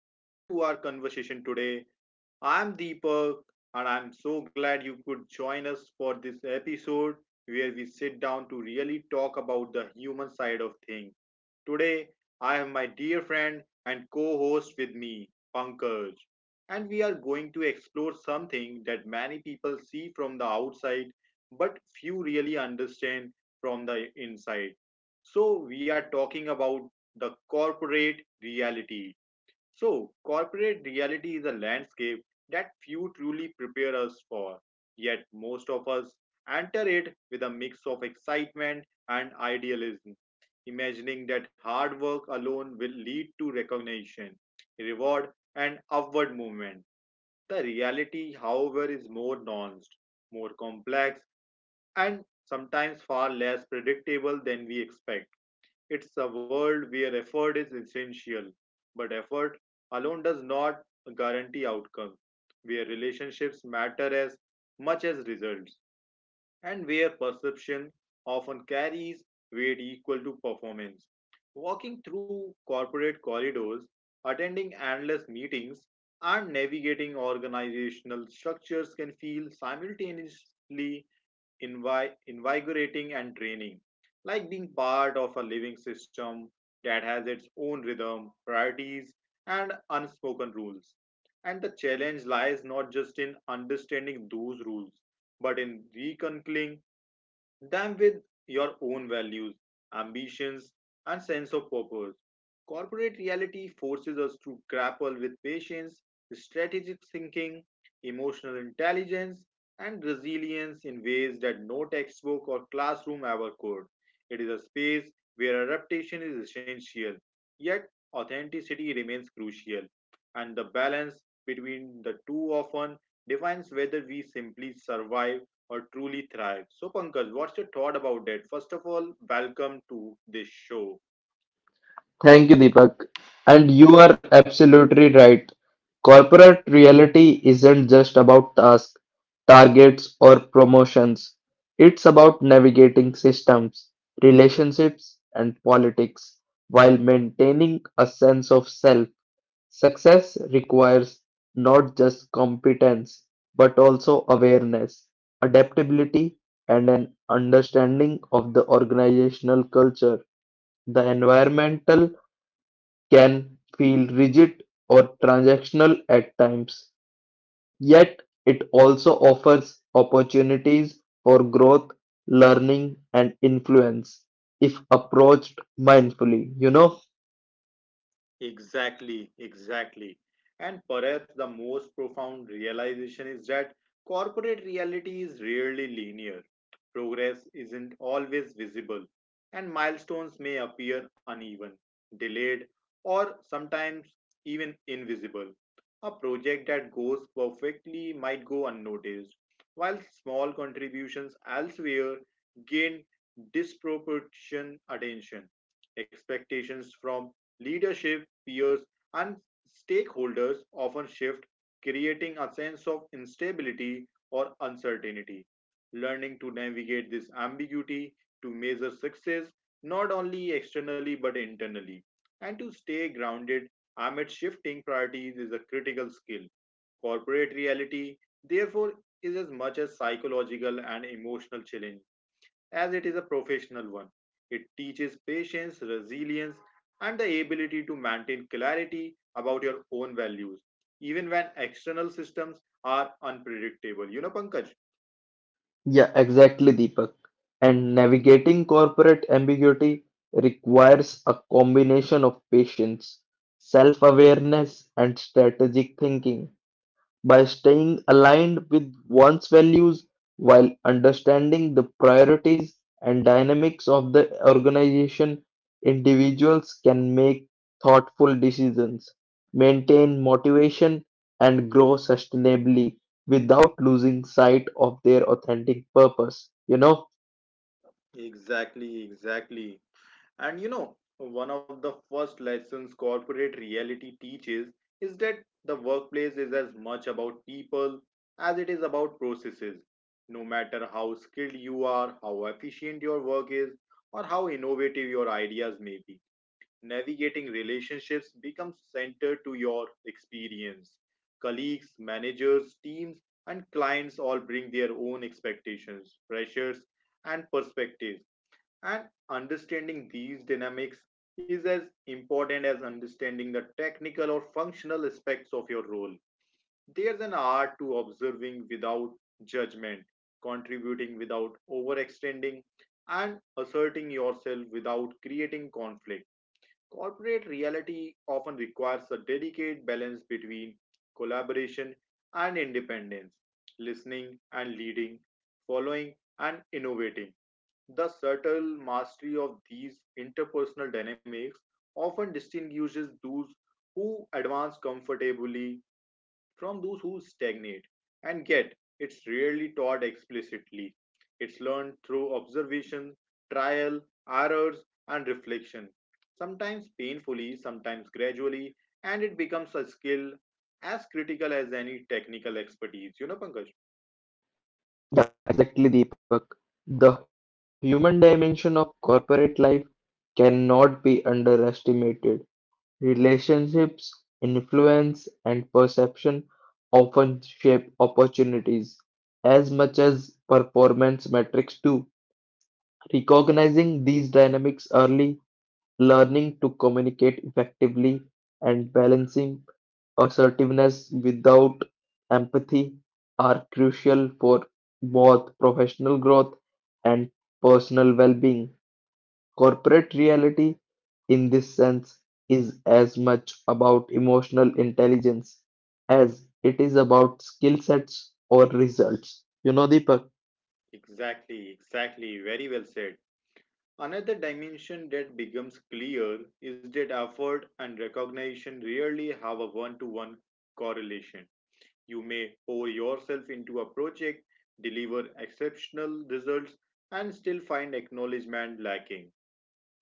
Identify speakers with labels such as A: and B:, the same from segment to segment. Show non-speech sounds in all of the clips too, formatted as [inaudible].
A: Welcome to our conversation today. I'm Deepak, and I'm so glad you could join us for this episode where we sit down to really talk about the human side of things. Today, I have my dear friend and co host with me, Pankaj, and we are going to explore something that many people see from the outside but few really understand from the inside. So, we are talking about the corporate reality. So, corporate reality is a landscape that few truly prepare us for, yet, most of us enter it with a mix of excitement and idealism, imagining that hard work alone will lead to recognition, reward, and upward movement. The reality, however, is more nuanced, more complex, and sometimes far less predictable than we expect. It's a world where effort is essential, but effort alone does not guarantee outcome, where relationships matter as much as results, and where perception often carries weight equal to performance. Walking through corporate corridors, attending endless meetings, and navigating organizational structures can feel simultaneously invigorating and draining, like being part of a living system that has its own rhythm, priorities, and unspoken rules. And the challenge lies not just in understanding those rules, but in reconciling them with your own values, ambitions, and sense of purpose. Corporate reality forces us to grapple with patience, strategic thinking, emotional intelligence, and resilience in ways that no textbook or classroom ever could. It is a space where adaptation is essential, yet authenticity remains crucial, and the balance between the two often defines whether we simply survive or truly thrive. So, Pankaj, what's your thought about that? First of all, welcome to this show.
B: Thank you, Deepak. And you are absolutely right. Corporate reality isn't just about tasks, targets, or promotions. It's about navigating systems, relationships, and politics while maintaining a sense of self. Success requires not just competence, but also awareness, adaptability, and an understanding of the organizational culture, the environmental can feel rigid or transactional at times, yet it also offers opportunities for growth, learning, and influence if approached mindfully. You know?
A: Exactly, exactly. And perhaps the most profound realization is that corporate reality is rarely linear. Progress isn't always visible, and milestones may appear uneven, delayed, or sometimes even invisible. A project that goes perfectly might go unnoticed, while small contributions elsewhere gain disproportionate attention. Expectations from leadership peers, and stakeholders often shift, creating a sense of instability or uncertainty. Learning to navigate this ambiguity, to measure success not only externally but internally, and to stay grounded amid shifting priorities is a critical skill. Corporate reality, therefore, is as much a psychological and emotional challenge as it is a professional one. It teaches patience, resilience, and the ability to maintain clarity about your own values, even when external systems are unpredictable. You know, Pankaj?
B: Yeah, exactly, Deepak. And navigating corporate ambiguity requires a combination of patience, self awareness, and strategic thinking by staying aligned with one's values while understanding the priorities and dynamics of the organization, individuals can make thoughtful decisions, maintain motivation, and grow sustainably without losing sight of their authentic purpose. You know?
A: Exactly, exactly. And you know, one of the first lessons corporate reality teaches is that the workplace is as much about people as it is about processes. No matter how skilled you are, how efficient your work is, or how innovative your ideas may be, navigating relationships becomes central to your experience. Colleagues, managers, teams, and clients all bring their own expectations, pressures, and perspectives, and understanding these dynamics is as important as understanding the technical or functional aspects of your role. There's an art to observing without judgment, contributing without overextending, and asserting yourself without creating conflict. Corporate reality often requires a delicate balance between collaboration and independence, listening and leading, following and innovating. The subtle mastery of these interpersonal dynamics often distinguishes those who advance comfortably from those who stagnate, and yet it's rarely taught explicitly. It's learned through observation, trial, errors, and reflection, sometimes painfully, sometimes gradually, and it becomes a skill as critical as any technical expertise. You know, Pankaj?
B: Exactly, Deepak. The human dimension of corporate life cannot be underestimated. Relationships, influence, and perception often shape opportunities as much as performance metrics do. Recognizing these dynamics early, learning to communicate effectively, and balancing Assertiveness without empathy are crucial for both professional growth and personal well-being. Corporate reality, in this sense, is as much about emotional intelligence as it is about skill sets or results. You know, Deepak?
A: Exactly, exactly. Very well said. Another dimension that becomes clear is that effort and recognition rarely have a one to one correlation. You may pour yourself into a project, deliver exceptional results, and still find acknowledgement lacking.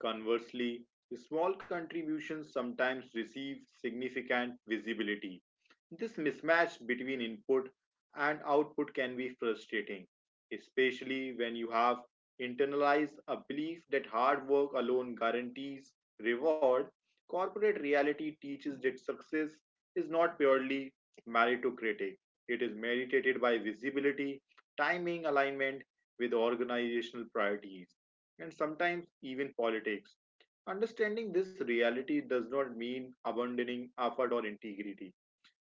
A: Conversely, small contributions sometimes receive significant visibility. This mismatch between input and output can be frustrating, especially when you have internalized a belief that hard work alone guarantees reward. Corporate reality teaches that success is not purely meritocratic, it is merited by visibility, timing alignment with organizational priorities and sometimes even politics. Understanding this reality does not mean abandoning effort or integrity.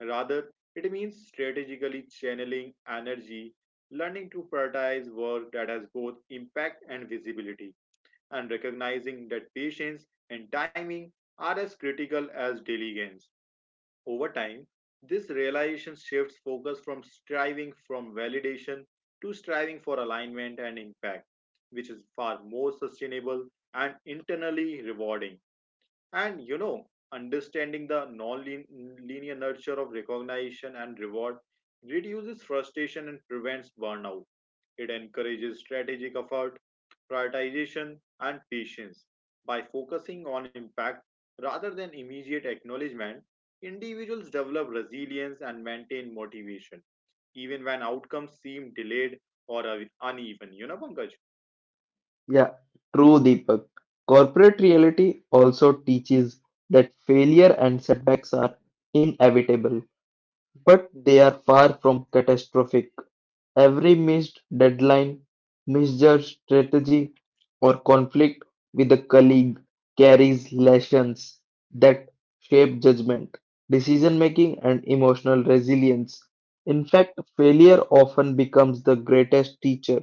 A: Rather, it means strategically channeling energy, learning to prioritize work that has both impact and visibility, and recognizing that patience and timing are as critical as daily gains. Over time, this realization shifts focus from striving from validation to striving for alignment and impact, which is far more sustainable and internally rewarding. And you know, understanding the non linear nature of recognition and reward reduces frustration and prevents burnout. It encourages strategic effort, prioritization, and patience. By focusing on impact rather than immediate acknowledgement, individuals develop resilience and maintain motivation, even when outcomes seem delayed or uneven. You know, Pankaj?
B: Yeah, true, Deepak. Corporate reality also teaches that failure and setbacks are inevitable but they are far from catastrophic. Every missed deadline, misjudged strategy, or conflict with a colleague carries lessons that shape judgment, decision making, and emotional resilience. In fact, failure often becomes the greatest teacher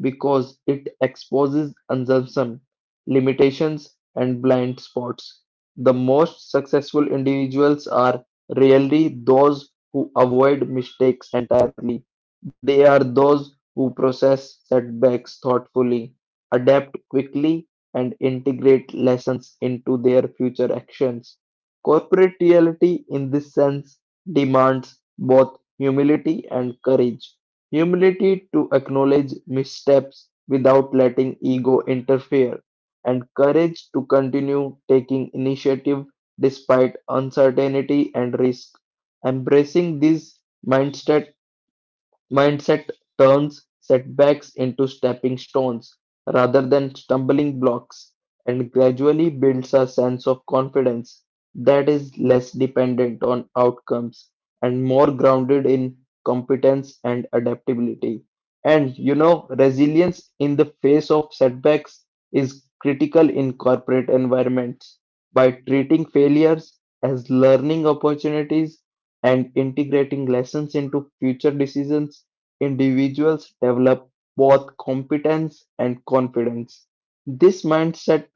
B: because it exposes assumptions, limitations, and blind spots. The most successful individuals are rarely those who avoid mistakes entirely, they are those who process setbacks thoughtfully, adapt quickly, and integrate lessons into their future actions. Corporate reality, in this sense, demands both humility and courage. Humility to acknowledge missteps without letting ego interfere, and courage to continue taking initiative despite uncertainty and risk. Embracing this mindset Mindset turns setbacks into stepping stones rather than stumbling blocks and gradually builds a sense of confidence that is less dependent on outcomes and more grounded in competence and adaptability. And you know, resilience in the face of setbacks is critical in corporate environments by treating failures as learning opportunities and integrating lessons into future decisions, individuals develop both competence and confidence. This mindset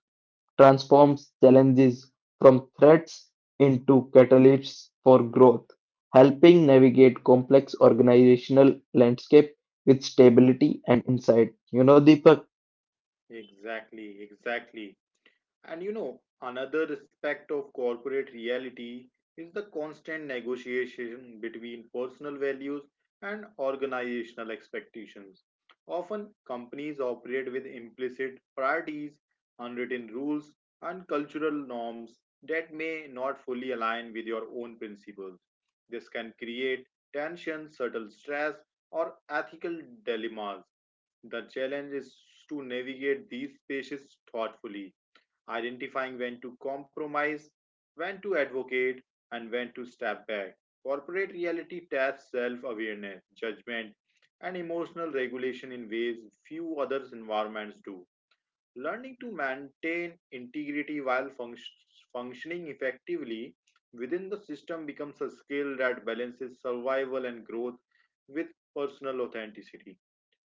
B: transforms challenges from threats into catalysts for growth, helping navigate complex organizational landscape with stability and insight. You know, Deepak?
A: Exactly, exactly. And you know, another aspect of corporate reality is the constant negotiation between personal values and organizational expectations. Often, companies operate with implicit priorities, unwritten rules, and cultural norms that may not fully align with your own principles. This can create tension, subtle stress, or ethical dilemmas. The challenge is to navigate these spaces thoughtfully, identifying when to compromise, when to advocate, and when to step back. Corporate reality taps self awareness, judgment, and emotional regulation in ways few other environments do. Learning to maintain integrity while functioning effectively within the system becomes a skill that balances survival and growth with personal authenticity.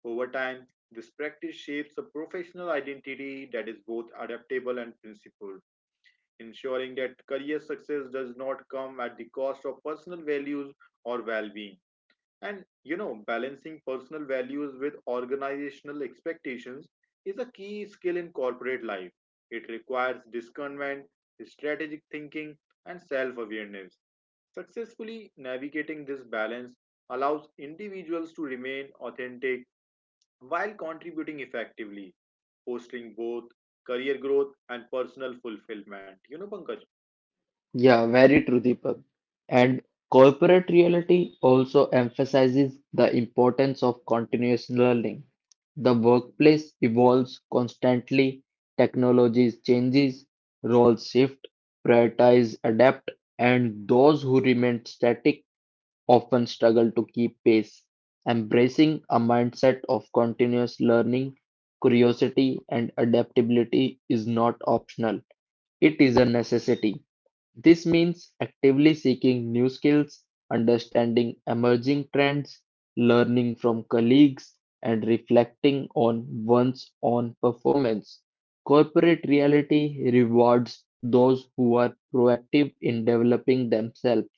A: Over time, this practice shapes a professional identity that is both adaptable and principled, ensuring that career success does not come at the cost of personal values or well being. And you know, balancing personal values with organizational expectations is a key skill in corporate life. It requires discernment, strategic thinking, and self awareness. Successfully navigating this balance allows individuals to remain authentic while contributing effectively, fostering both career growth and personal fulfillment. You know, Pankaj.
B: Yeah, very true, Deepak. And corporate reality also emphasizes the importance of continuous learning. The workplace evolves constantly, technologies changes, roles shift, prioritize adapt, and those who remain static often struggle to keep pace. Embracing a mindset of continuous learning, curiosity, and adaptability is not optional. It is a necessity. This means actively seeking new skills, understanding emerging trends, learning from colleagues, and reflecting on one's own performance. Corporate reality rewards those who are proactive in developing themselves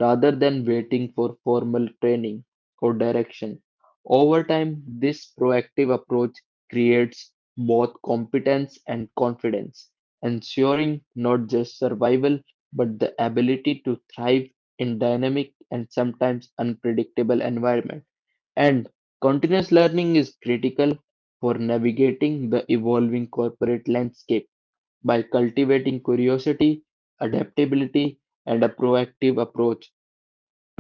B: rather than waiting for formal training or direction. Over time, this proactive approach creates both competence and confidence, ensuring not just survival but the ability to thrive in dynamic and sometimes unpredictable environment. And continuous learning is critical for navigating the evolving corporate landscape by cultivating curiosity, adaptability, and a proactive approach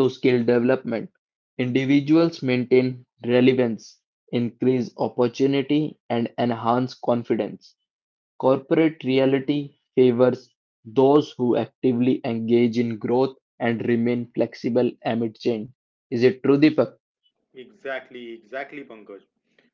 B: to skill development. Individuals maintain relevance, increase opportunity, and enhance confidence. Corporate reality favors those who actively engage in growth and remain flexible amid change. Is it true, Deepak?
A: Exactly, exactly, Pankaj.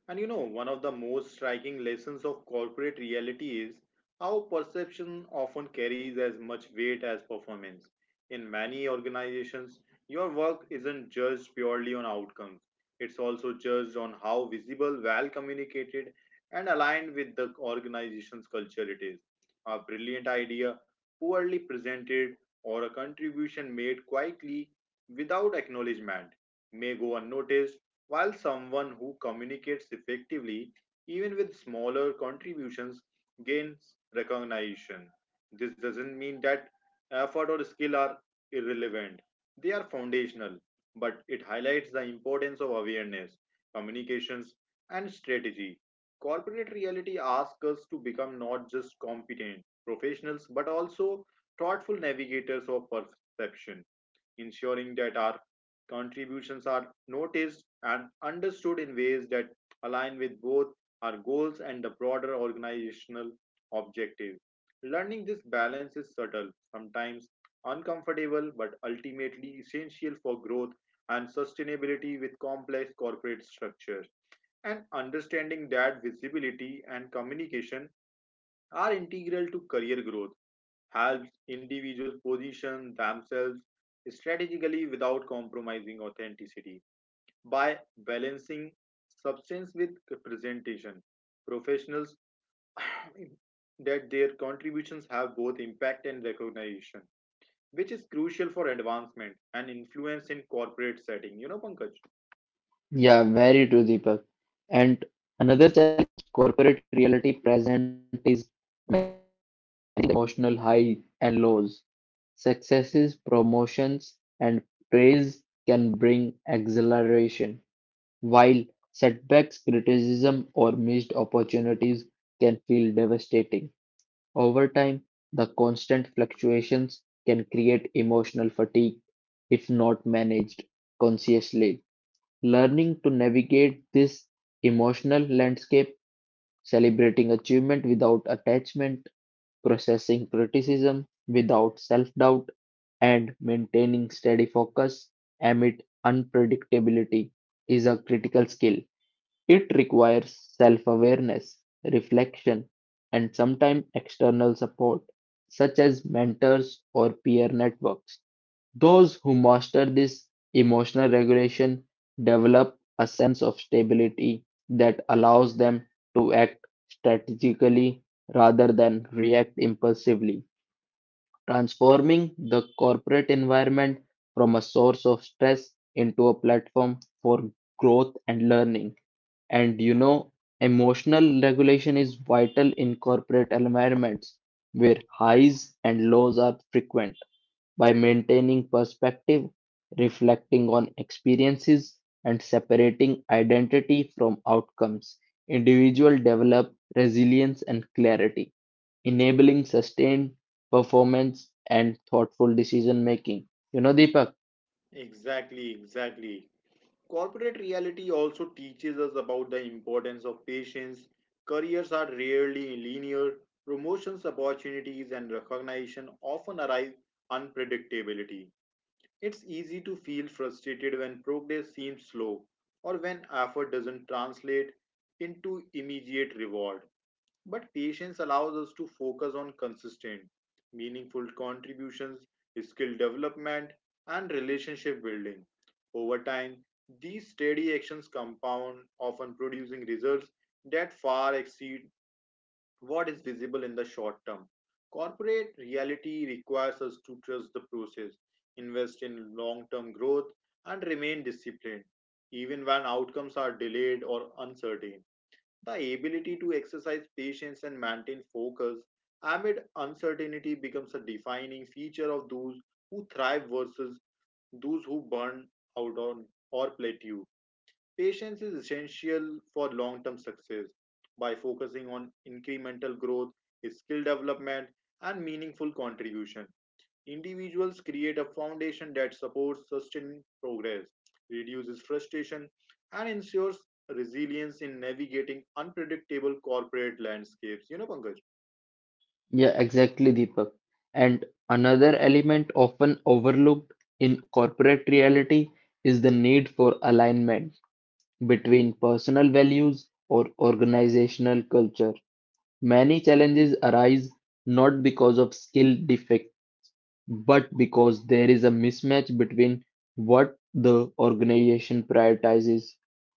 A: And you know, one of the most striking lessons of corporate reality is how perception often carries as much weight as performance. In many organizations, your work isn't judged purely on outcomes, it's also judged on how visible, well communicated, and aligned with the organization's culture it is. A brilliant idea, poorly presented, or a contribution made quietly without acknowledgement may go unnoticed, while someone who communicates effectively, even with smaller contributions, gains recognition. This doesn't mean that effort or skill are irrelevant, they are foundational, but it highlights the importance of awareness, communications, and strategy. Corporate reality asks us to become not just competent professionals but also thoughtful navigators of perception, ensuring that our contributions are noticed and understood in ways that align with both our goals and the broader organizational objectives. Learning this balance is subtle, sometimes uncomfortable, but ultimately essential for growth and sustainability with complex corporate structures. And understanding that visibility and communication are integral to career growth helps individuals position themselves strategically without compromising authenticity. By balancing substance with presentation, professionals [clears throat] that their contributions have both impact and recognition, which is crucial for advancement and influence in corporate setting. You know, Pankaj?
B: Yeah, very true, Deepak. And another challenge corporate reality present is emotional highs and lows. Successes, promotions, and praise can bring exhilaration, while setbacks, criticism, or missed opportunities can feel devastating. Over time, the constant fluctuations can create emotional fatigue if not managed consciously. Learning to navigate this emotional landscape, celebrating achievement without attachment, processing criticism without self doubt, and maintaining steady focus amid unpredictability is a critical skill. It requires self-awareness, reflection, and sometimes external support, such as mentors or peer networks. Those who master this emotional regulation develop a sense of stability that allows them to act strategically rather than react impulsively, transforming the corporate environment from a source of stress into a platform for growth and learning. And you know, emotional regulation is vital in corporate environments where highs and lows are frequent. By maintaining perspective, reflecting on experiences, and separating identity from outcomes, individuals develop resilience and clarity enabling sustained performance and thoughtful decision making. You know, Deepak?
A: Exactly, exactly. Corporate reality also teaches us about the importance of patience. Careers are rarely linear. Promotions, opportunities, and recognition often arrive unpredictability. It's easy to feel frustrated when progress seems slow or when effort doesn't translate into immediate reward. But patience allows us to focus on consistent, meaningful contributions, skill development, and relationship building. Over time, these steady actions compound, often producing results that far exceed what is visible in the short term. Corporate reality requires us to trust the process, invest in long term growth, and remain disciplined, even when outcomes are delayed or uncertain. The ability to exercise patience and maintain focus amid uncertainty becomes a defining feature of those who thrive versus those who burn out on or plateau. Patience is essential for long term success. By focusing on incremental growth, skill development, and meaningful contribution, individuals create a foundation that supports sustained progress, reduces frustration, and ensures resilience in navigating unpredictable corporate landscapes. You know, Pankaj?
B: Yeah, exactly, Deepak. And another element often overlooked in corporate reality is the need for alignment between personal values or organizational culture. Many challenges arise not because of skill but because there is a mismatch between what the organization prioritizes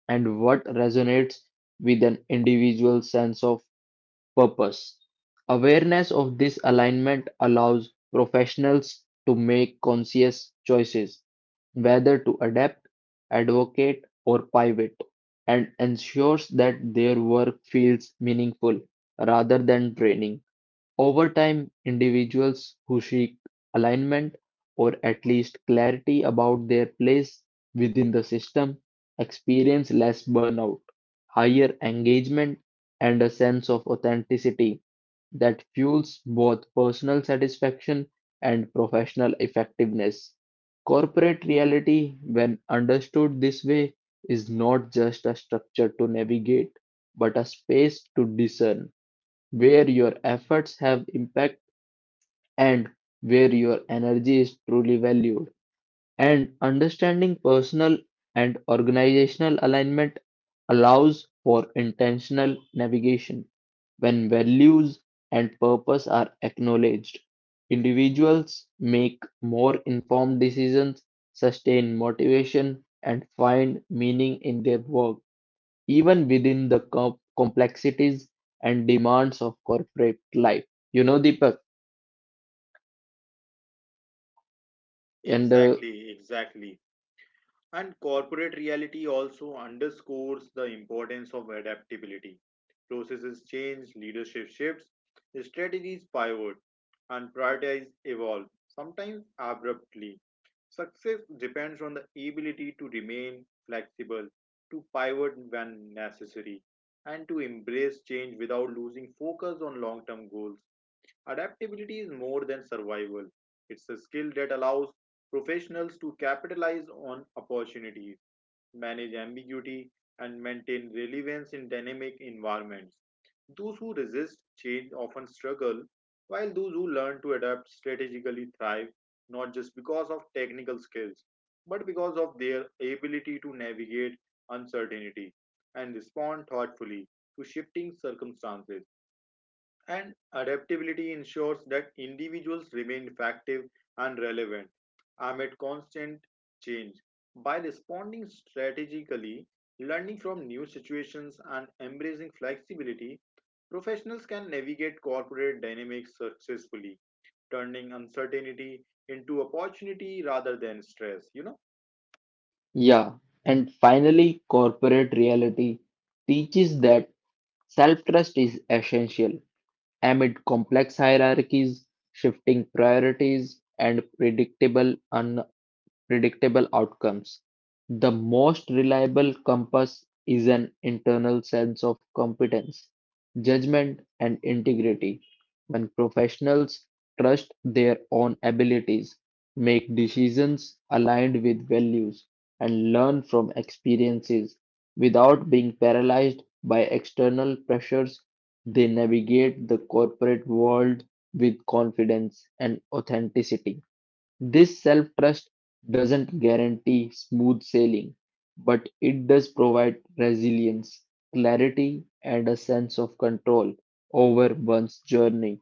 B: and what resonates with an individual's sense of purpose. Awareness of this alignment allows professionals to make conscious choices, whether to adapt, advocate, or pivot, and ensures that their work feels meaningful rather than draining. Over time, individuals who seek alignment or at least clarity about their place within the system experience less burnout, higher engagement, and a sense of authenticity that fuels both personal satisfaction and professional effectiveness. Corporate reality, when understood this way, is not just a structure to navigate, but a space to discern where your efforts have impact and where your energy is truly valued. And understanding personal and organizational alignment allows for intentional navigation. When values and purpose are acknowledged, individuals make more informed decisions, sustain motivation, and find meaning in their work even within the complexities and demands of corporate life. You know, Deepak, and uh,
A: Exactly, exactly. And corporate reality also underscores the importance of adaptability. Processes change, leadership shifts, strategies pivot, and priorities evolve, sometimes abruptly. Success depends on the ability to remain flexible, to pivot when necessary, and to embrace change without losing focus on long term goals. Adaptability is more than survival, it's a skill that allows professionals to capitalize on opportunities, manage ambiguity, and maintain relevance in dynamic environments. Those who resist change often struggle, while those who learn to adapt strategically thrive, not just because of technical skills, but because of their ability to navigate uncertainty and respond thoughtfully to shifting circumstances. And adaptability ensures that individuals remain effective and relevant amid constant change. By responding strategically, learning from new situations, and embracing flexibility, professionals can navigate corporate dynamics successfully, turning uncertainty into opportunity rather than stress. You know.
B: yeah, and finally, corporate reality teaches that self trust is essential amid complex hierarchies, shifting priorities, and predictable outcomes. The most reliable compass is an internal sense of competence, judgment, and integrity. When professionals trust their own abilities, make decisions aligned with values, and learn from experiences without being paralyzed by external pressures, they navigate the corporate world with confidence and authenticity. This self doesn't guarantee smooth sailing, but it does provide resilience, clarity, and a sense of control over one's journey,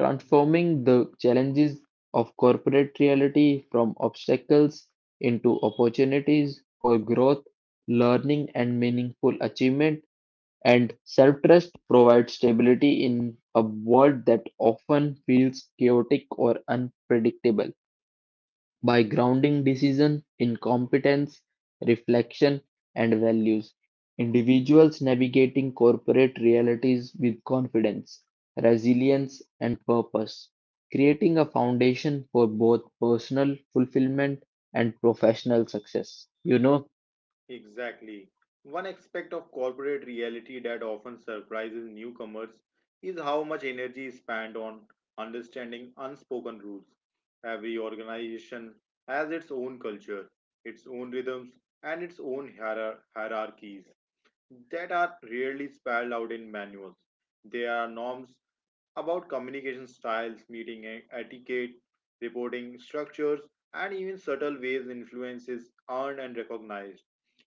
B: transforming the challenges of corporate reality from obstacles into opportunities for growth, learning, and meaningful achievement. And self trust provides stability in a world that often feels chaotic or unpredictable by grounding decision in competence, reflection, and values, individuals navigating corporate realities with confidence, resilience, and purpose, creating a foundation for both personal fulfillment and professional success. You know?
A: Exactly. One aspect of corporate reality that often surprises newcomers is how much energy is spent on understanding unspoken rules. Every organization has its own culture, its own rhythms, and its own hierarchies that are rarely spelled out in manuals. They are norms about communication styles, meeting etiquette, reporting structures, and even subtle ways influences earned and recognized.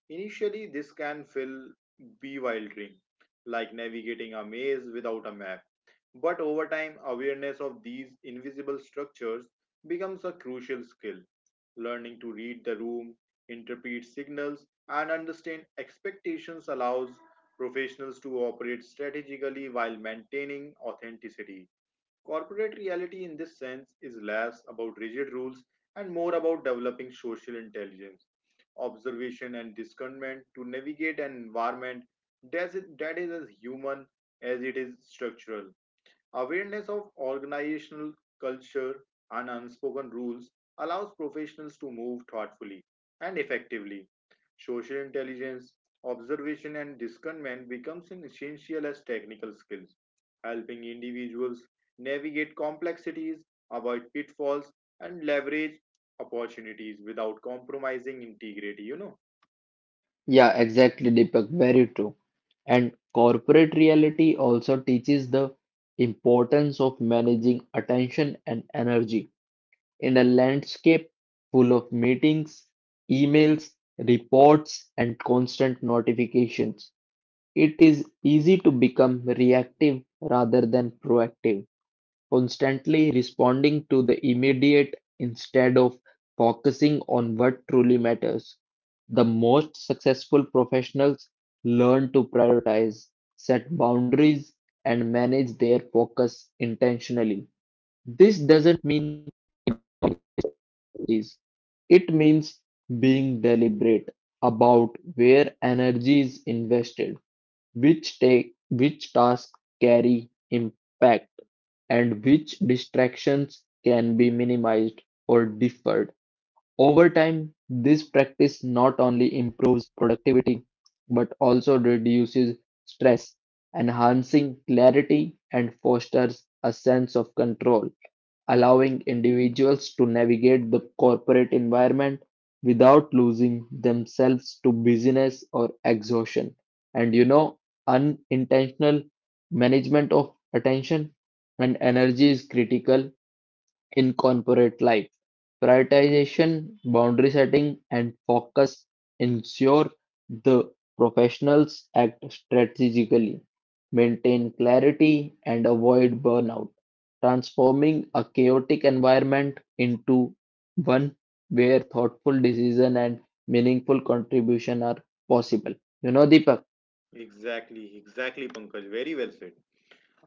A: Initially, this can feel bewildering, like navigating a maze without a map. But over time, awareness of these invisible structures becomes a crucial skill. Learning to read the room, interpret signals, and understand expectations allows professionals to operate strategically while maintaining authenticity. Corporate reality, in this sense, is less about rigid rules and more about developing social intelligence, observation, and discernment to navigate an environment that is as human as it is structural. Awareness of organizational culture and unspoken rules allows professionals to move thoughtfully and effectively. Social intelligence, observation, and discernment becomes an essential as technical skills, helping individuals navigate complexities, avoid pitfalls, and leverage opportunities without compromising integrity.
B: Yeah, exactly, Deepak. Very true. And corporate reality also teaches the importance of managing attention and energy. In a landscape full of meetings, emails, reports, and constant notifications, it is easy to become reactive rather than proactive, constantly responding to the immediate instead of focusing on what truly matters. The most successful professionals learn to prioritize, set boundaries, and manage their focus intentionally. This doesn't series. It means being deliberate about where energy is invested, which tasks carry impact, and which distractions can be minimized or deferred. Over time, this practice not only improves productivity but also reduces stress, enhancing clarity and fosters a sense of control, allowing individuals to navigate the corporate environment without losing themselves to busyness or exhaustion. And you know, unintentional management of attention and energy is critical in corporate life. Prioritization, boundary setting, and focus ensure the professionals act strategically, maintain clarity, and avoid burnout, transforming a chaotic environment into one where thoughtful decision and meaningful contribution are possible. You know, Deepak.
A: Exactly, exactly, Pankaj. Very well said.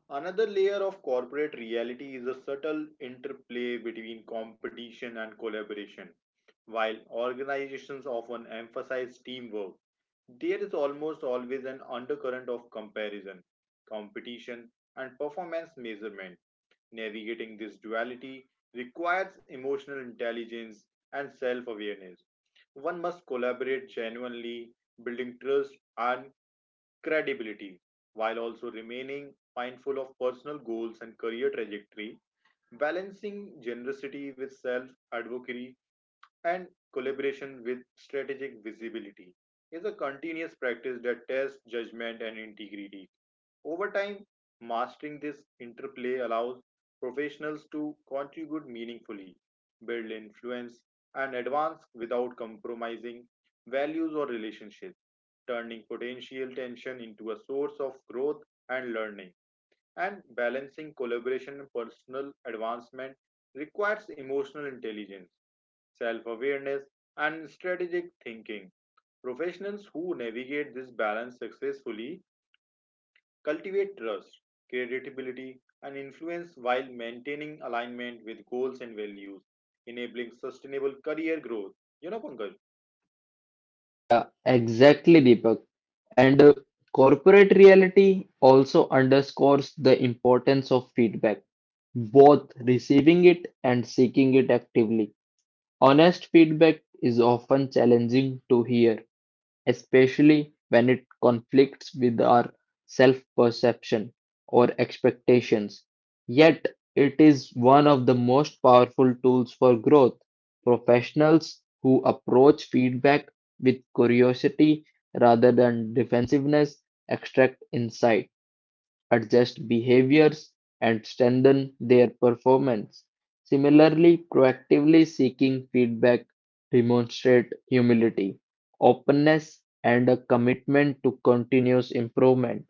A: Another layer of corporate reality is a subtle interplay between competition and collaboration. While organizations often emphasize teamwork, there is almost always an undercurrent of comparison, competition, and performance measurement. Navigating this duality requires emotional intelligence and self awareness. One must collaborate genuinely, building trust and credibility while also remaining mindful of personal goals and career trajectory, balancing generosity with self advocacy and collaboration with strategic visibility is a continuous practice that tests judgment and integrity. Over time, mastering this interplay allows professionals to contribute meaningfully, build influence, and advance without compromising values or relationships, turning potential tension into a source of growth and learning. And balancing collaboration and personal advancement requires emotional intelligence, self awareness, and strategic thinking. Professionals who navigate this balance successfully cultivate trust, credibility, and influence while maintaining alignment with goals and values, enabling sustainable career growth. You know, Pankaj?
B: Yeah, exactly, Deepak. And corporate reality also underscores the importance of feedback, both receiving it and seeking it actively. Honest feedback is often challenging to hear, especially when it conflicts with our self perception or expectations. Yet, it is one of the most powerful tools for growth. Professionals who approach feedback with curiosity rather than defensiveness extract insight adjust behaviors, and strengthen their performance. Similarly, proactively seeking feedback demonstrate humility, openness, and a commitment to continuous improvement.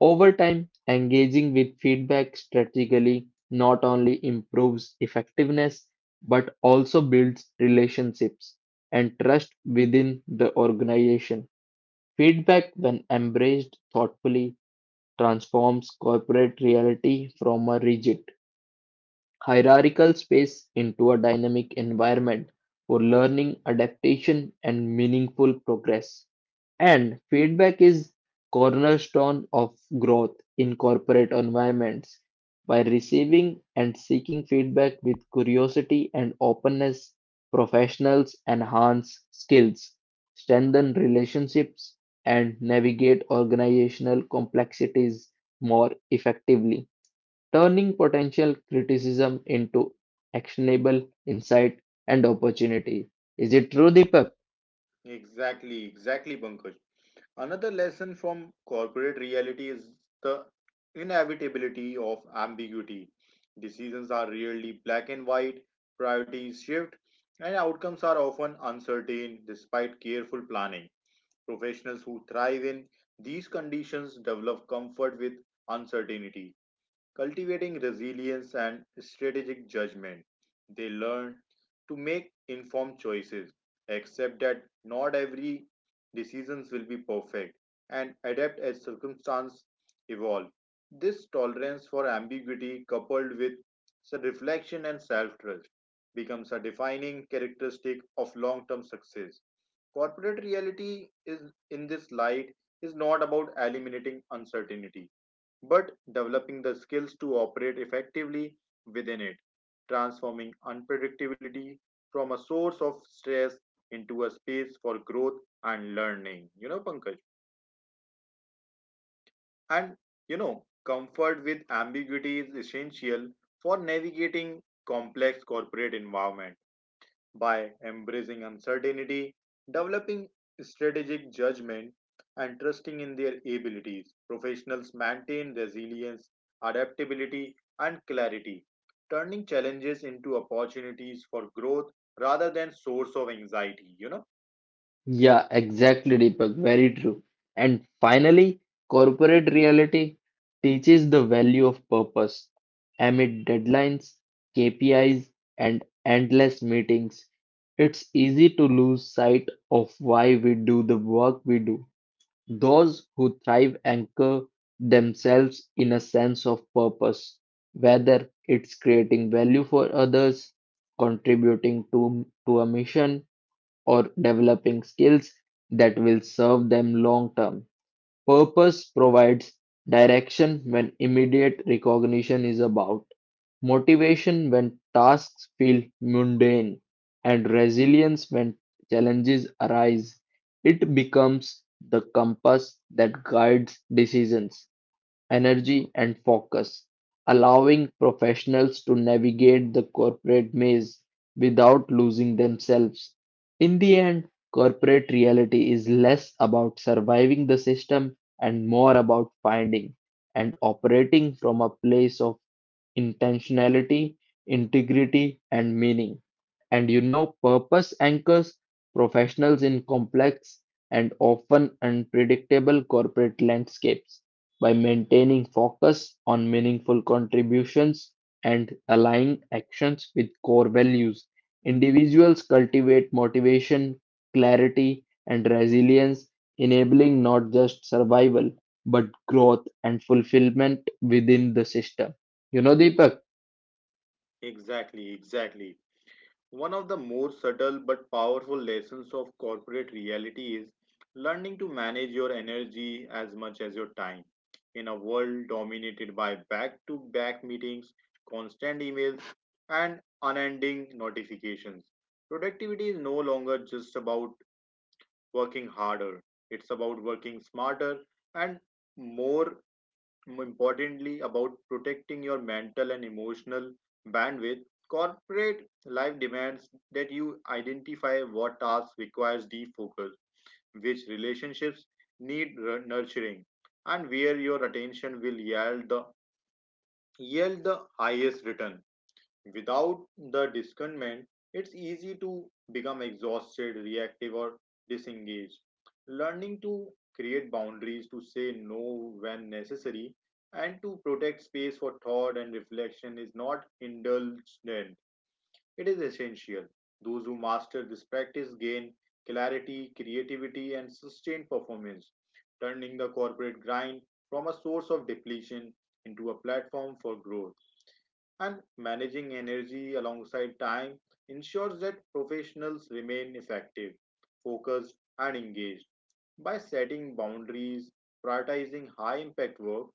B: Over time, engaging with feedback strategically not only improves effectiveness but also builds relationships and trust within the organization. Feedback, when embraced thoughtfully, transforms corporate reality from a rigid hierarchical space into a dynamic environment for learning, adaptation, and meaningful progress. And feedback is cornerstone of growth in corporate environments. By receiving and seeking feedback with curiosity and openness, professionals enhance skills, strengthen relationships, and navigate organizational complexities more effectively turning potential criticism into actionable insight and opportunity. Is it true, Deepak?
A: Exactly, exactly, Pankaj. Another lesson from corporate reality is the inevitability of ambiguity. Decisions are rarely black and white, priorities shift, and outcomes are often uncertain despite careful planning. Professionals who thrive in these conditions develop comfort with uncertainty, cultivating resilience and strategic judgment. They learn to make informed choices, accept that not every decisions will be perfect, and adapt as circumstances evolve. This tolerance for ambiguity, coupled with reflection and self trust, becomes a defining characteristic of long term success. Corporate reality, is in this light, is not about eliminating uncertainty, but developing the skills to operate effectively within it, transforming unpredictability from a source of stress into a space for growth and learning. You know, Pankaj. And comfort with ambiguity is essential for navigating complex corporate environment. By embracing uncertainty, developing strategic judgment, and trusting in their abilities, professionals maintain resilience, adaptability, and clarity, turning challenges into opportunities for growth rather than source of anxiety.
B: Yeah, exactly, Deepak. Very true. And finally, corporate reality teaches the value of purpose. Amid deadlines, KPIs, and endless meetings, it's easy to lose sight of why we do the work we do. Those who thrive anchor themselves in a sense of purpose, whether it's creating value for others, contributing to a mission, or developing skills that will serve them long term. Purpose provides direction when immediate recognition is about, motivation when tasks feel mundane, and resilience when challenges arise. It becomes the compass that guides decisions energy, and focus, allowing professionals to navigate the corporate maze without losing themselves. In the end, corporate reality is less about surviving the system and more about finding and operating from a place of intentionality, integrity, and meaning. And you know, purpose anchors professionals in complex and often unpredictable corporate landscapes by maintaining focus on meaningful contributions and aligning actions with core values. Individuals cultivate motivation, clarity, and resilience, enabling not just survival but growth and fulfillment within the system. You know, Deepak.
A: Exactly, exactly. One of the more subtle but powerful lessons of corporate reality is learning to manage your energy as much as your time. In a world dominated by back to back meetings, constant emails, and unending notifications, productivity is no longer just about working harder, it's about working smarter and more more importantly about protecting your mental and emotional bandwidth. Corporate life demands that you identify what tasks requires deep focus, which relationships need nurturing, and where your attention will yield the highest return. Without the discernment, it's easy to become exhausted, reactive, or disengaged. Learning to create boundaries, to say no when necessary, and to protect space for thought and reflection is not indulgent, it is essential. Those who master this practice gain clarity, creativity, and sustained performance, turning the corporate grind from a source of depletion into a platform for growth. And managing energy alongside time ensures that professionals remain effective, focused, and engaged. By setting boundaries, prioritizing high impact work,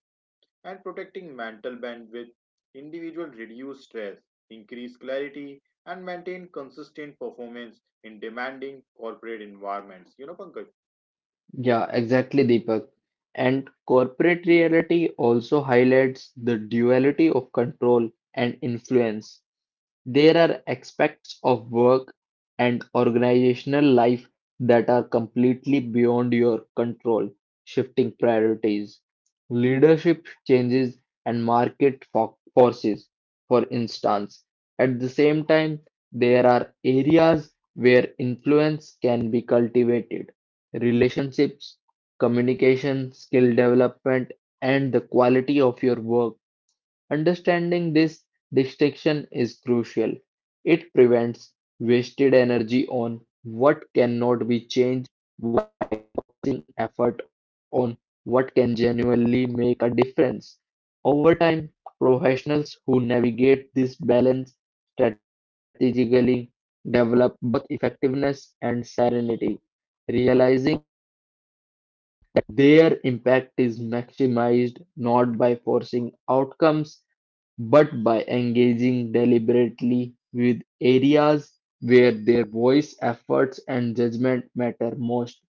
A: and protecting mental bandwidth, individuals reduce stress, increase clarity, and maintain consistent performance in demanding corporate environments. You know, Pankaj?
B: Yeah, exactly, Deepak. And corporate reality also highlights the duality of control and influence. There are aspects of work and organizational life that are completely beyond your control, shifting priorities, leadership changes, and market forces, for instance. At the same time, there are areas where influence can be cultivated: relationships, communication, skill development, and the quality of your work. Understanding this distinction is crucial. It prevents wasted energy on what cannot be changed effort on what can genuinely make a difference. Over time, professionals who navigate this balance strategically develop both effectiveness and serenity, realizing their impact is maximized not by forcing outcomes but by engaging deliberately with areas where their voice, efforts, and judgment matter most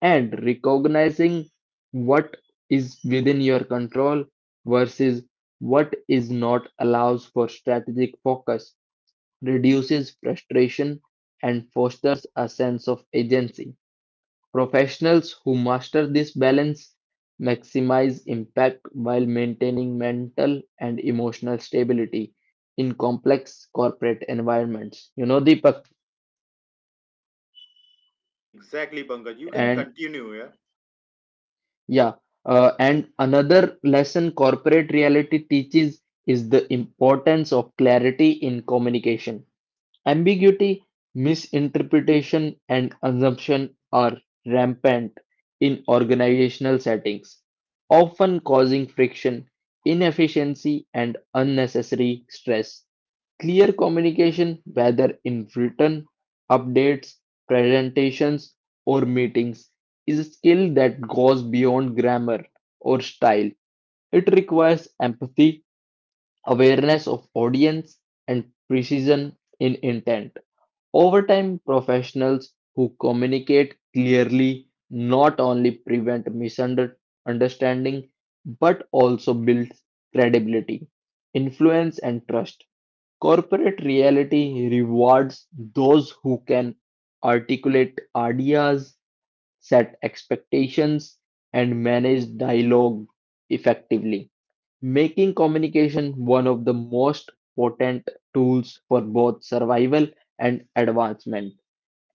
B: and recognizing what is within your control versus what is not allows for strategic focus, reduces frustration, and fosters a sense of agency. Professionals who master this balance maximize impact while maintaining mental and emotional stability in complex corporate environments. You know, Deepak,
A: Exactly, Pankaj. You can
B: and
A: continue here.
B: Yeah, and another lesson corporate reality teaches is the importance of clarity in communication. Ambiguity, misinterpretation, and assumption are rampant in organizational settings, often causing friction, inefficiency, and unnecessary stress. Clear communication, whether in written updates, presentations, or meetings, is a skill that goes beyond grammar or style. It requires empathy awareness of audience, and precision in intent. Over time, professionals who communicate clearly not only prevent misunderstanding but also build credibility, influence, and trust. Corporate reality rewards those who can articulate ideas, set expectations, and manage dialogue effectively making communication one of the most potent tools for both survival and advancement.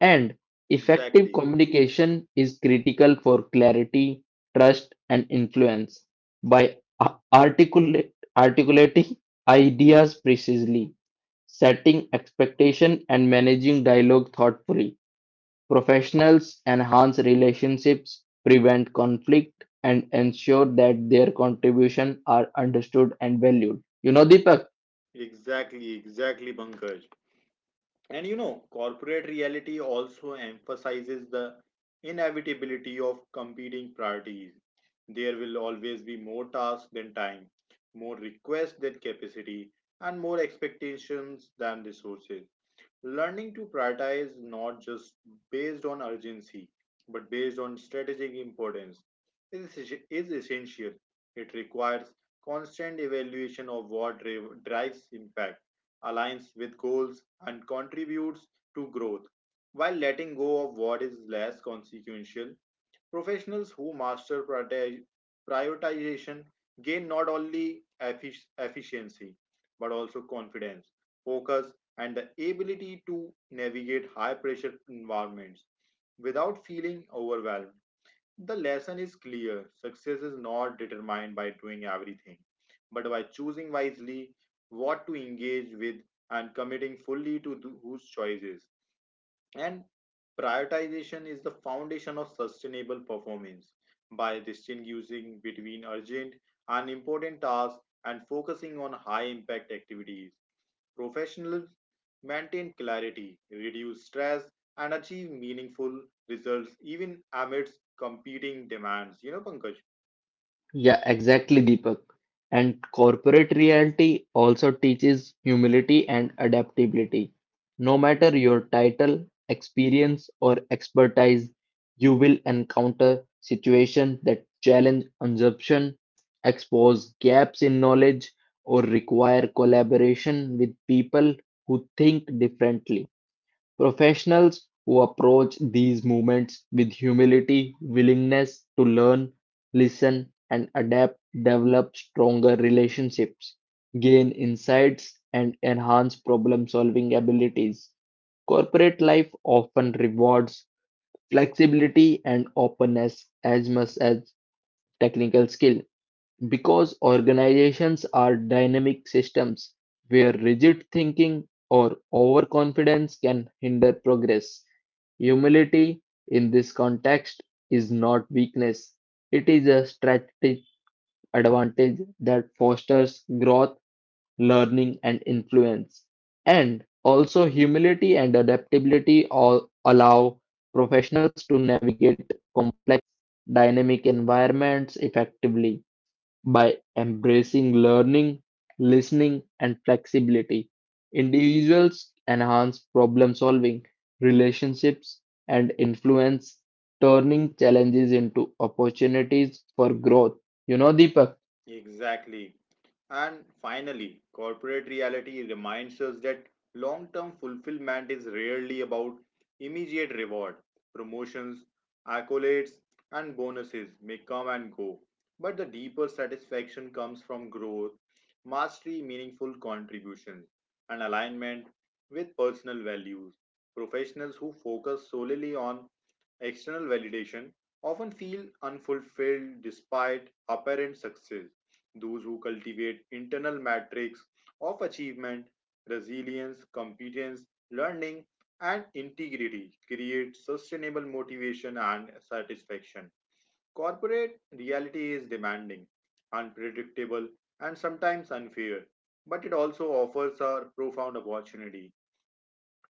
B: And effective
A: Exactly.
B: communication is critical for clarity, trust, and influence. By articulating ideas precisely, setting expectation, and managing dialogue thoughtfully, professionals enhance relationships, prevent conflict, and ensure that their contribution are understood and valued. You know, Deepak?
A: Exactly, exactly, Pankaj. And corporate reality also emphasizes the inevitability of competing priorities. There will always be more tasks than time, more requests than capacity, and more expectations than resources. Learning to prioritize not just based on urgency, but based on strategic importance is, is essential. It requires constant evaluation of what drives impact, aligns with goals, and contributes to growth, while letting go of what is less consequential. Professionals who master prioritization gain not only efficiency but also confidence, focus, and the ability to navigate high pressure environments without feeling overwhelmed. The lesson is clear: success is not determined by doing everything, but by choosing wisely what to engage with and committing fully to those choices. And prioritization is the foundation of sustainable performance. By distinguishing between urgent and important tasks and focusing on high impact activities, professionals maintain clarity, reduce stress, and achieve meaningful results even amidst competing demands. You know, Pankaj?
B: Yeah, exactly, Deepak. And corporate reality also teaches humility and adaptability. No matter your title, experience, or expertise, you will encounter situations that challenge assumption expose gaps in knowledge, or require collaboration with people who think differently. Professionals who approach these movements with humility, willingness to learn, listen, and adapt develop stronger relationships, gain insights, and enhance problem solving abilities. Corporate life often rewards flexibility and openness as much as technical skill, because organizations are dynamic systems where rigid thinking or overconfidence can hinder progress. Humility in this context is not weakness, it is a strategic advantage that fosters growth, learning, and influence. And also, humility and adaptability all allow professionals to navigate complex, dynamic environments effectively. By embracing learning, listening, and flexibility, individuals enhance problem solving, relationships, and influence, turning challenges into opportunities for growth. You know, Deepak?
A: Exactly. And finally, corporate reality reminds us that long term fulfillment is rarely about immediate reward. Promotions, accolades, and bonuses may come and go, but the deeper satisfaction comes from growth, mastery, meaningful contributions, and alignment with personal values. Professionals who focus solely on external validation often feel unfulfilled despite apparent success. Those who cultivate internal metrics of achievement, resilience, competence, learning, and integrity create sustainable motivation and satisfaction. Corporate reality is demanding, unpredictable, and sometimes unfair, but it also offers a profound opportunity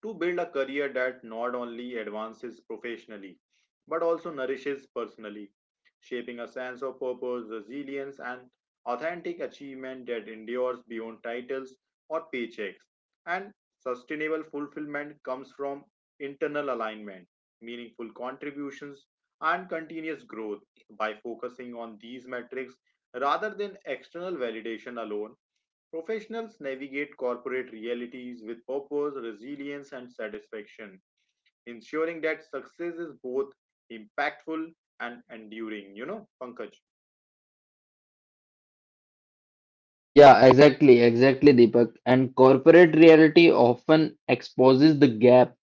A: to build a career that not only advances professionally but also nourishes personally, shaping a sense of purpose, resilience, and authentic achievement that endures beyond titles or paychecks. And sustainable fulfillment comes from internal alignment, meaningful contributions, and continuous growth. By focusing on these metrics rather than external validation alone, professionals navigate corporate realities with purpose, resilience, and satisfaction, ensuring that success is both impactful and enduring. You know, Pankaj.
B: Yeah, exactly, exactly, Deepak. And corporate reality often exposes the gaps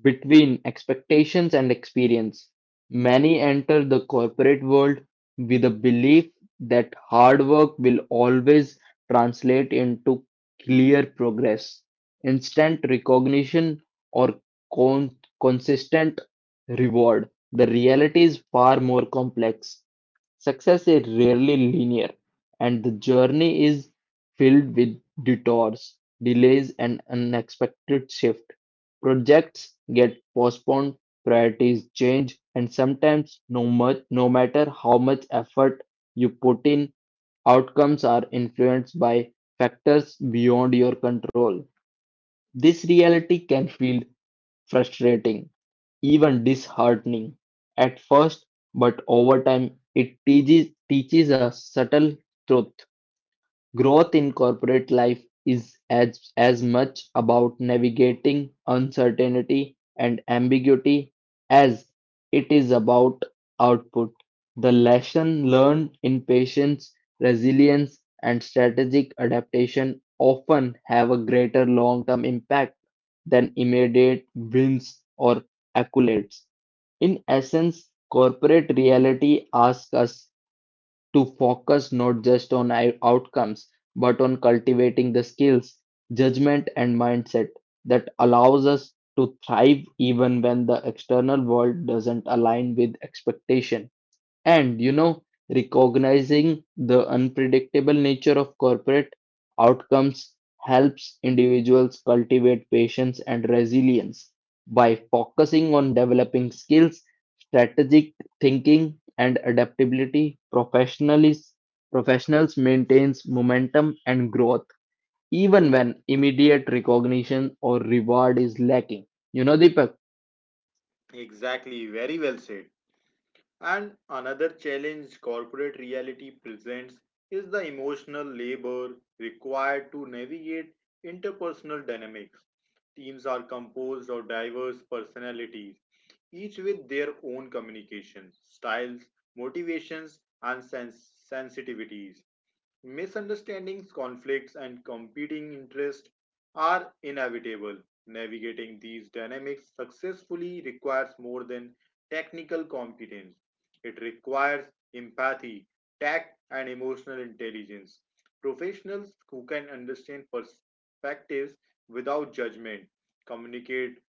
B: between expectations and experience. Many enter the corporate world with a belief that hard work will always translate into clear progress, instant recognition, or consistent reward. The reality is far more complex. Success is rarely linear, and the journey is filled with detours, delays, and unexpected shifts. Projects get postponed, priorities change, and sometimes no matter how much effort you put in, outcomes are influenced by factors beyond your control. This reality can feel frustrating, even disheartening at first, but over time it teaches a subtle truth. Growth in corporate life is as much about navigating uncertainty and ambiguity as it is about output. The lesson learned in patience, resilience, and strategic adaptation often have a greater long term impact than immediate wins or accolades. In essence, corporate reality asks us to focus not just on our outcomes, but on cultivating the skills, judgment, and mindset that allows us to thrive even when the external world doesn't align with expectation. And you know, recognizing the unpredictable nature of corporate outcomes helps individuals cultivate patience and resilience by focusing on developing skills, strategic thinking, and adaptability. Professionals maintains momentum and growth even when immediate recognition or reward is lacking. You know, Deepak.
A: Exactly, very well said. And another challenge corporate reality presents is the emotional labor required to navigate interpersonal dynamics. Teams are composed of diverse personalities, each with their own communication styles, motivations, and sensitivities. Misunderstandings, conflicts, and competing interests are inevitable. Navigating these dynamics successfully requires more than technical competence. It requires empathy, tact, and emotional intelligence. Professionals who can understand perspectives without judgment, communicate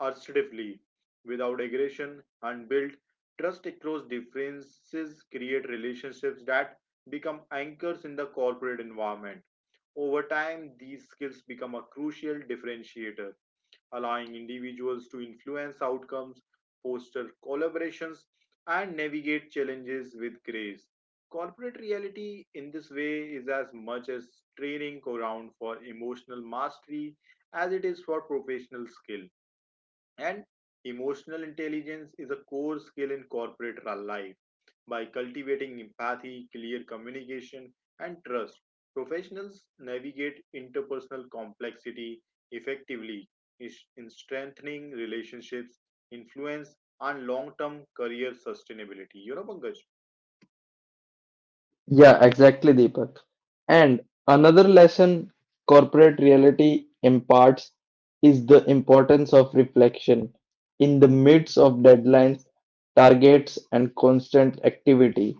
A: assertively without aggression, and build trust across differences create relationships that become anchors in the corporate environment. Over time, these skills become a crucial differentiator, allowing individuals to influence outcomes, foster collaborations, and navigate challenges with grace. Corporate reality, in this way, is as much as training ground for emotional mastery as it is for professional skill. And emotional intelligence is a core skill in corporate life. By cultivating empathy, clear communication, and trust, professionals navigate interpersonal complexity effectively, in strengthening relationships, influence, and long term career sustainability. You know, Pankaj?
B: Yeah, exactly, Deepak. And another lesson corporate reality imparts is the importance of reflection. In the midst of deadlines, targets, and constant activity,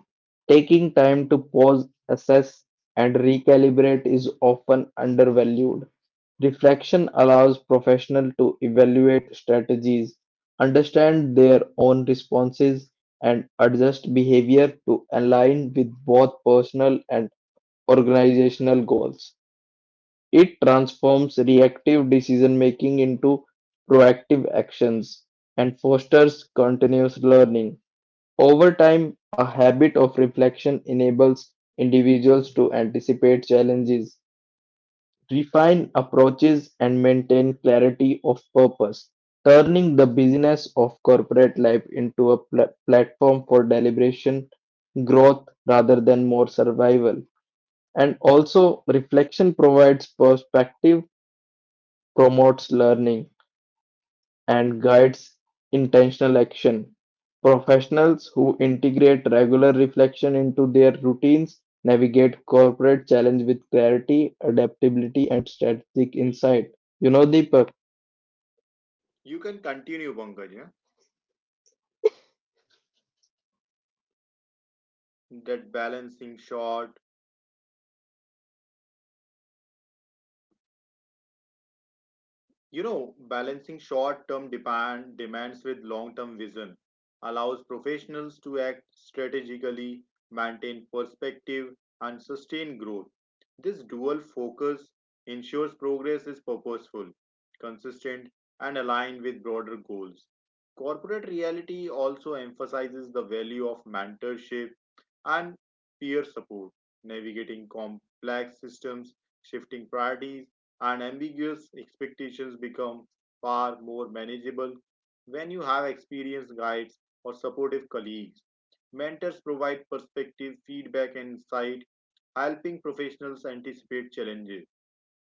B: taking time to pause, assess, and recalibrate is often undervalued. Reflection allows professionals to evaluate strategies, understand their own responses, and adjust behavior to align with both personal and organizational goals. It transforms reactive decision making into proactive actions and fosters continuous learning. Over time, a habit of reflection enables individuals to anticipate challenges, refine approaches, and maintain clarity of purpose, turning the busyness of corporate life into a platform for deliberation, growth rather than more survival. And also, reflection provides perspective promotes learning, and guides intentional action. Professionals who integrate regular reflection into their routines navigate corporate challenge with clarity, adaptability, and strategic insight. You know, Deepak?
A: You can continue, Pankaj. Yeah? That balancing short, You know, Balancing short term demands with long term vision allows professionals to act strategically, maintain perspective, and sustain growth. This dual focus ensures progress is purposeful, consistent, and aligned with broader goals. Corporate reality also emphasizes the value of mentorship and peer support. Navigating complex systems, shifting priorities, and ambiguous expectations become far more manageable when you have experienced guides or supportive colleagues. Mentors provide perspective, feedback, and insight, helping professionals anticipate challenges,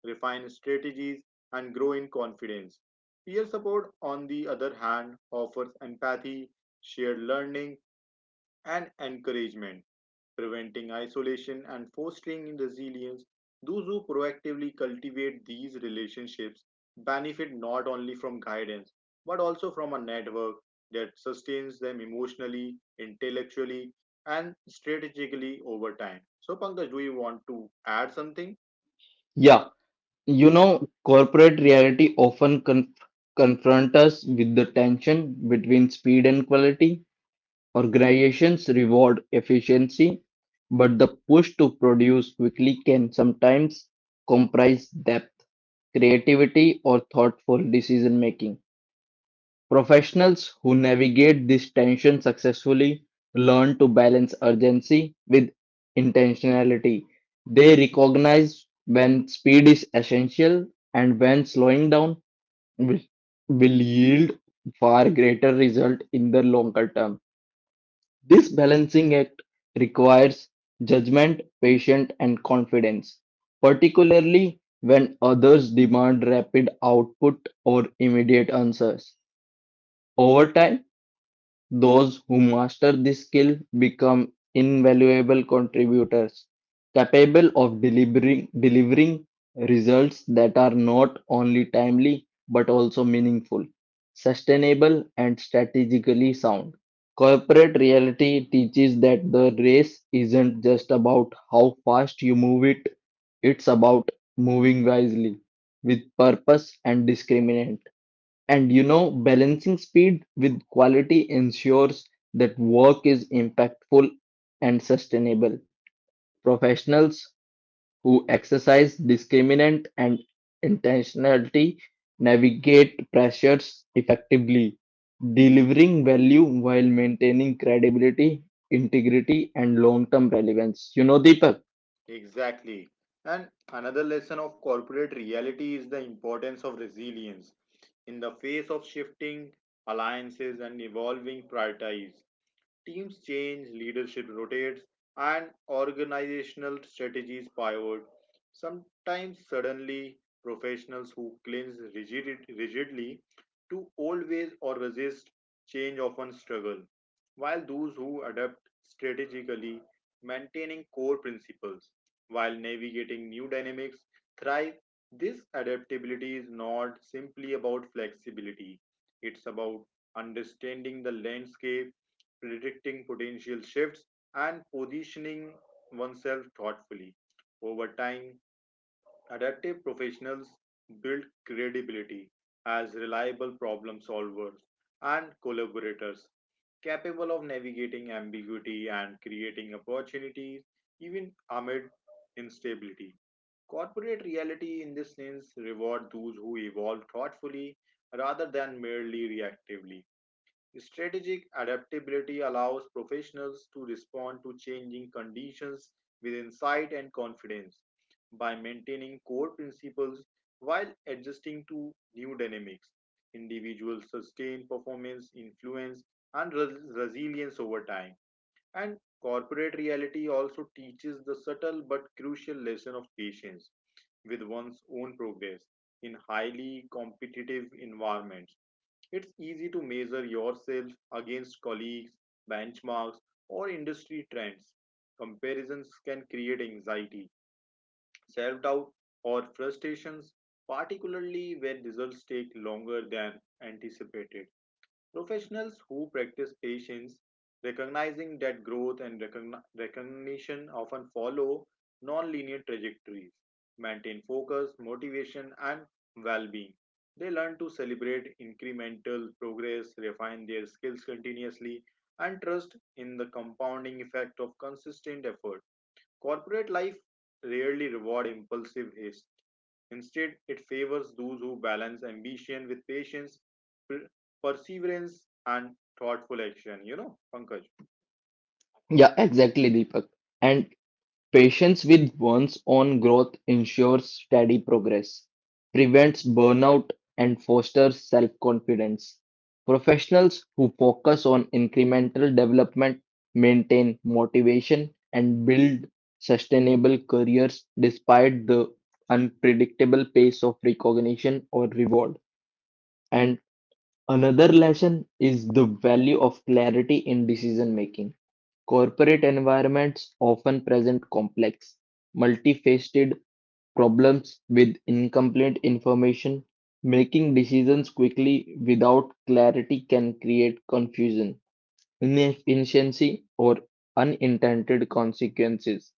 A: refine strategies, and grow in confidence. Peer support, on the other hand, offers empathy, shared learning, and encouragement, preventing isolation and fostering resilience. Those who proactively cultivate these relationships benefit not only from guidance but also from a network that sustains them emotionally, intellectually, and strategically over time. So, Pankaj, do you want to add something?
B: Yeah. You know, corporate reality often confront us with the tension between speed and quality. Organizations reward efficiency, but the push to produce quickly can sometimes compromise depth, creativity, or thoughtful decision making. Professionals who navigate this tension successfully learn to balance urgency with intentionality. They recognize when speed is essential and when slowing down will, will yield far greater result in the longer term. This balancing act requires judgment, patience, and confidence, particularly when others demand rapid output or immediate answers. Over time, those who master this skill become invaluable contributors, capable of delivering results that are not only timely but also meaningful, sustainable, and strategically sound. Corporate reality teaches that the race isn't just about how fast you move it, it's about moving wisely, with purpose and discriminant. And you know, balancing speed with quality ensures that work is impactful and sustainable. Professionals who exercise discriminant and intentionality navigate pressures effectively, delivering value while maintaining credibility, integrity, and long term relevance. You know, Deepak?
A: Exactly. And another lesson of corporate reality is the importance of resilience in the face of shifting alliances and evolving priorities. Teams change, leadership rotates, and organizational strategies pivot. Sometimes, suddenly, professionals who cling rigidly to old ways or resist change often struggle, while those who adapt strategically, maintaining core principles while navigating new dynamics, thrive. This adaptability is not simply about flexibility, it's about understanding the landscape, predicting potential shifts, and positioning oneself thoughtfully. Over time, adaptive professionals build credibility as reliable problem solvers and collaborators capable of navigating ambiguity and creating opportunities even amid instability. Corporate reality, in this sense, reward those who evolve thoughtfully rather than merely reactively. Strategic adaptability allows professionals to respond to changing conditions with insight and confidence. By maintaining core principles while adjusting to new dynamics, individuals sustain performance, influence, and resilience over time. And corporate reality also teaches the subtle but crucial lesson of patience with one's own progress in highly competitive environments. It's easy to measure yourself against colleagues, benchmarks, or industry trends. Comparisons can create anxiety, self doubt, or frustrations, particularly when results take longer than anticipated. Professionals who practice patience, recognizing that growth and recognition often follow non-linear trajectories, maintain focus, motivation, and well-being. They learn to celebrate incremental progress, refine their skills continuously, and trust in the compounding effect of consistent effort. Corporate life rarely rewards impulsive haste. Instead, it favors those who balance ambition with patience, per- perseverance, and thoughtful action. You know, Pankaj.
B: Yeah, exactly, Deepak. And patience with one's own growth ensures steady progress, prevents burnout, and fosters self confidence. Professionals who focus on incremental development maintain motivation and build sustainable careers despite the unpredictable pace of recognition or reward. And another lesson is the value of clarity in decision making. Corporate environments often present complex, multifaceted problems with incomplete information. Making decisions quickly without clarity can create confusion, inefficiency, or unintended consequences.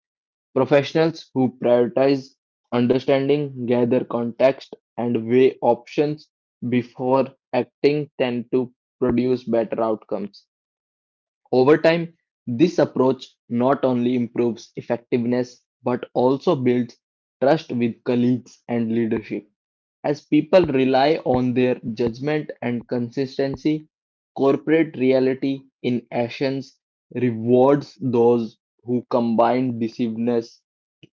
B: Professionals who prioritize understanding, gather context, and weigh options before acting tend to produce better outcomes. Over time, this approach not only improves effectiveness but also builds trust with colleagues and leadership, as people rely on their judgment and consistency. Corporate reality in essence rewards those who combine decisiveness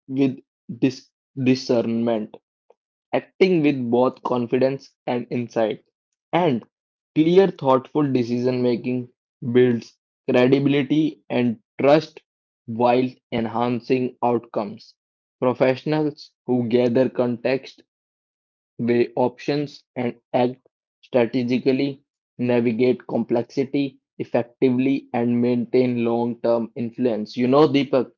B: with dis- discernment acting with both confidence and insight. And clear, thoughtful decision making builds credibility and trust while enhancing outcomes. Professionals who gather context, weigh options, and act strategically navigate complexity effectively and maintain long term influence. You know, Deepak.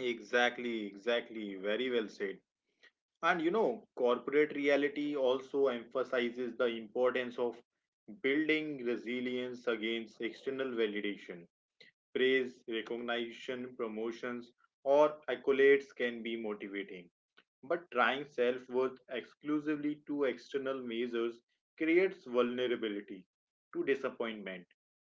A: Exactly, exactly. Very well said. And corporate reality also emphasizes the importance of building resilience against external validation. Praise, recognition, promotions, or accolades can be motivating, but trying self worth exclusively to external measures creates vulnerability to disappointment.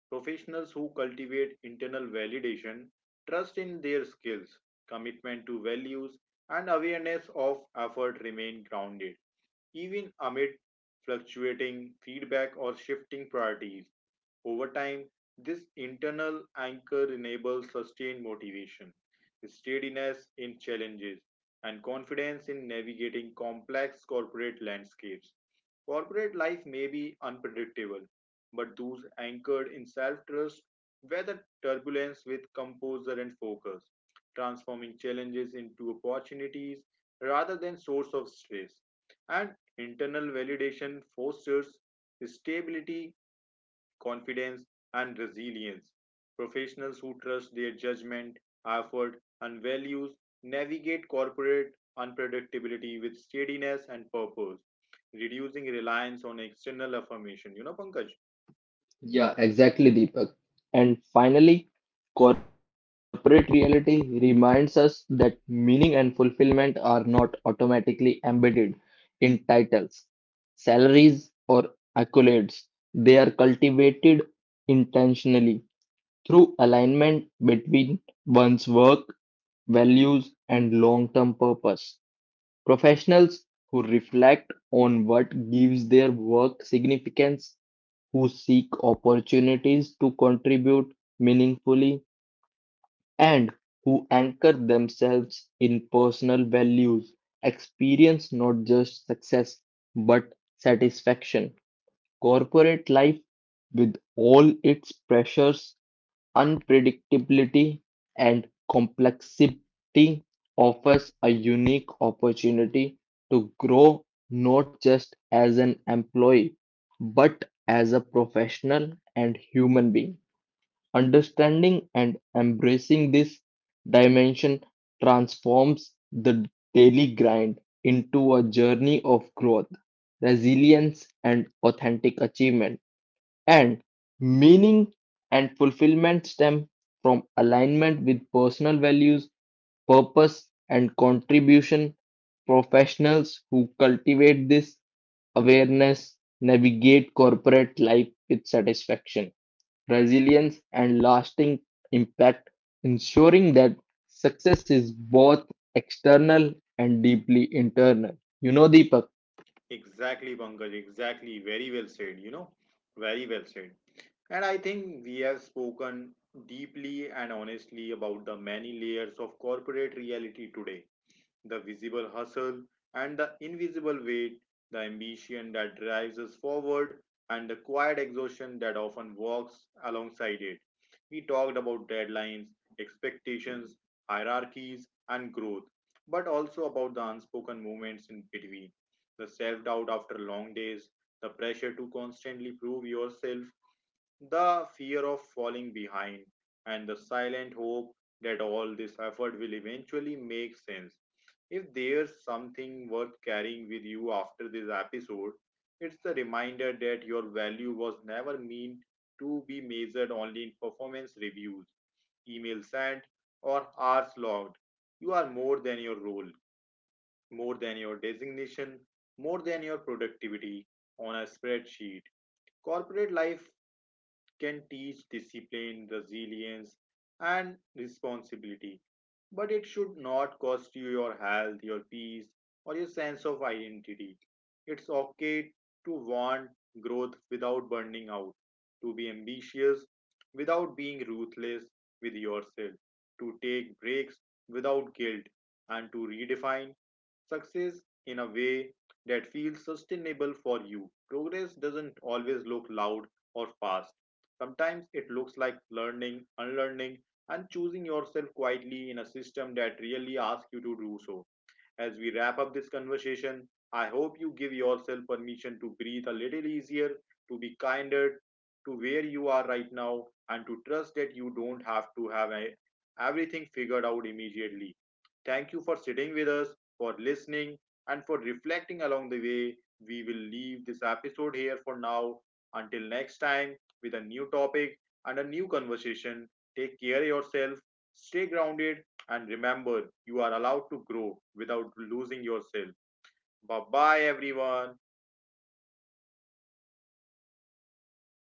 A: Professionals who cultivate internal validation, trust in their skills, commitment to values, and awareness of effort remain grounded, even amid fluctuating feedback or shifting priorities. Over time, this internal anchor enables sustained motivation, steadiness in challenges, and confidence in navigating complex corporate landscapes. Corporate life may be unpredictable, but those anchored in self trust weather turbulence with composure and focus, transforming challenges into opportunities rather than source of stress. And internal validation fosters stability, confidence, and resilience. Professionals who trust their judgment, effort, and values navigate corporate unpredictability with steadiness and purpose, reducing reliance on external affirmation. You know, Pankaj?
B: Yeah, exactly, Deepak. And finally, corporate reality reminds us that meaning and fulfillment are not automatically embedded in titles, salaries, or accolades. They are cultivated intentionally through alignment between one's work, values, and long term purpose. Professionals who reflect on what gives their work significance, who seek opportunities to contribute meaningfully, and who anchor themselves in personal values experience not just success but satisfaction. Corporate life, with all its pressures, unpredictability and complexity offers a unique opportunity to grow not just as an employee but as a professional and human being. Understanding and embracing this dimension transforms the daily grind into a journey of growth, resilience, and authentic achievement. And meaning and fulfillment stem from alignment with personal values, purpose, and contribution. Professionals who cultivate this awareness navigate corporate life with satisfaction, resilience, and lasting impact, ensuring that success is both external and deeply internal. You know, Deepak.
A: Exactly, Pankaj. Exactly. Very well said. Very well said. And I think we have spoken deeply and honestly about the many layers of corporate reality today: the visible hustle and the invisible weight, the ambition that drives us forward, and the quiet exhaustion that often walks alongside it. We talked about deadlines, expectations, hierarchies, and growth, but also about the unspoken moments in between: the self doubt after long days, the pressure to constantly prove yourself, the fear of falling behind, and the silent hope that all this effort will eventually make sense. If there's something worth carrying with you after this episode, it's the reminder that your value was never meant to be measured only in performance reviews, email sent, or hours logged. You are more than your role, more than your designation, more than your productivity on a spreadsheet. Corporate life can teach discipline, resilience, and responsibility, but it should not cost you your health, your peace, or your sense of identity. It's okay to want growth without burning out, to be ambitious without being ruthless with yourself, to take breaks without guilt, and to redefine success in a way that feels sustainable for you. Progress doesn't always look loud or fast. Sometimes it looks like learning, unlearning, and choosing yourself quietly in a system that really asks you to do so. As we wrap up this conversation, I hope you give yourself permission to breathe a little easier, to be kinder to where you are right now, and to trust that you don't have to have everything figured out immediately. Thank you for sitting with us, for listening, and for reflecting along the way. We will leave this episode here for now. Until next time, with a new topic and a new conversation, take care of yourself, stay grounded, and remember, you are allowed to grow without losing yourself. Bye bye, everyone.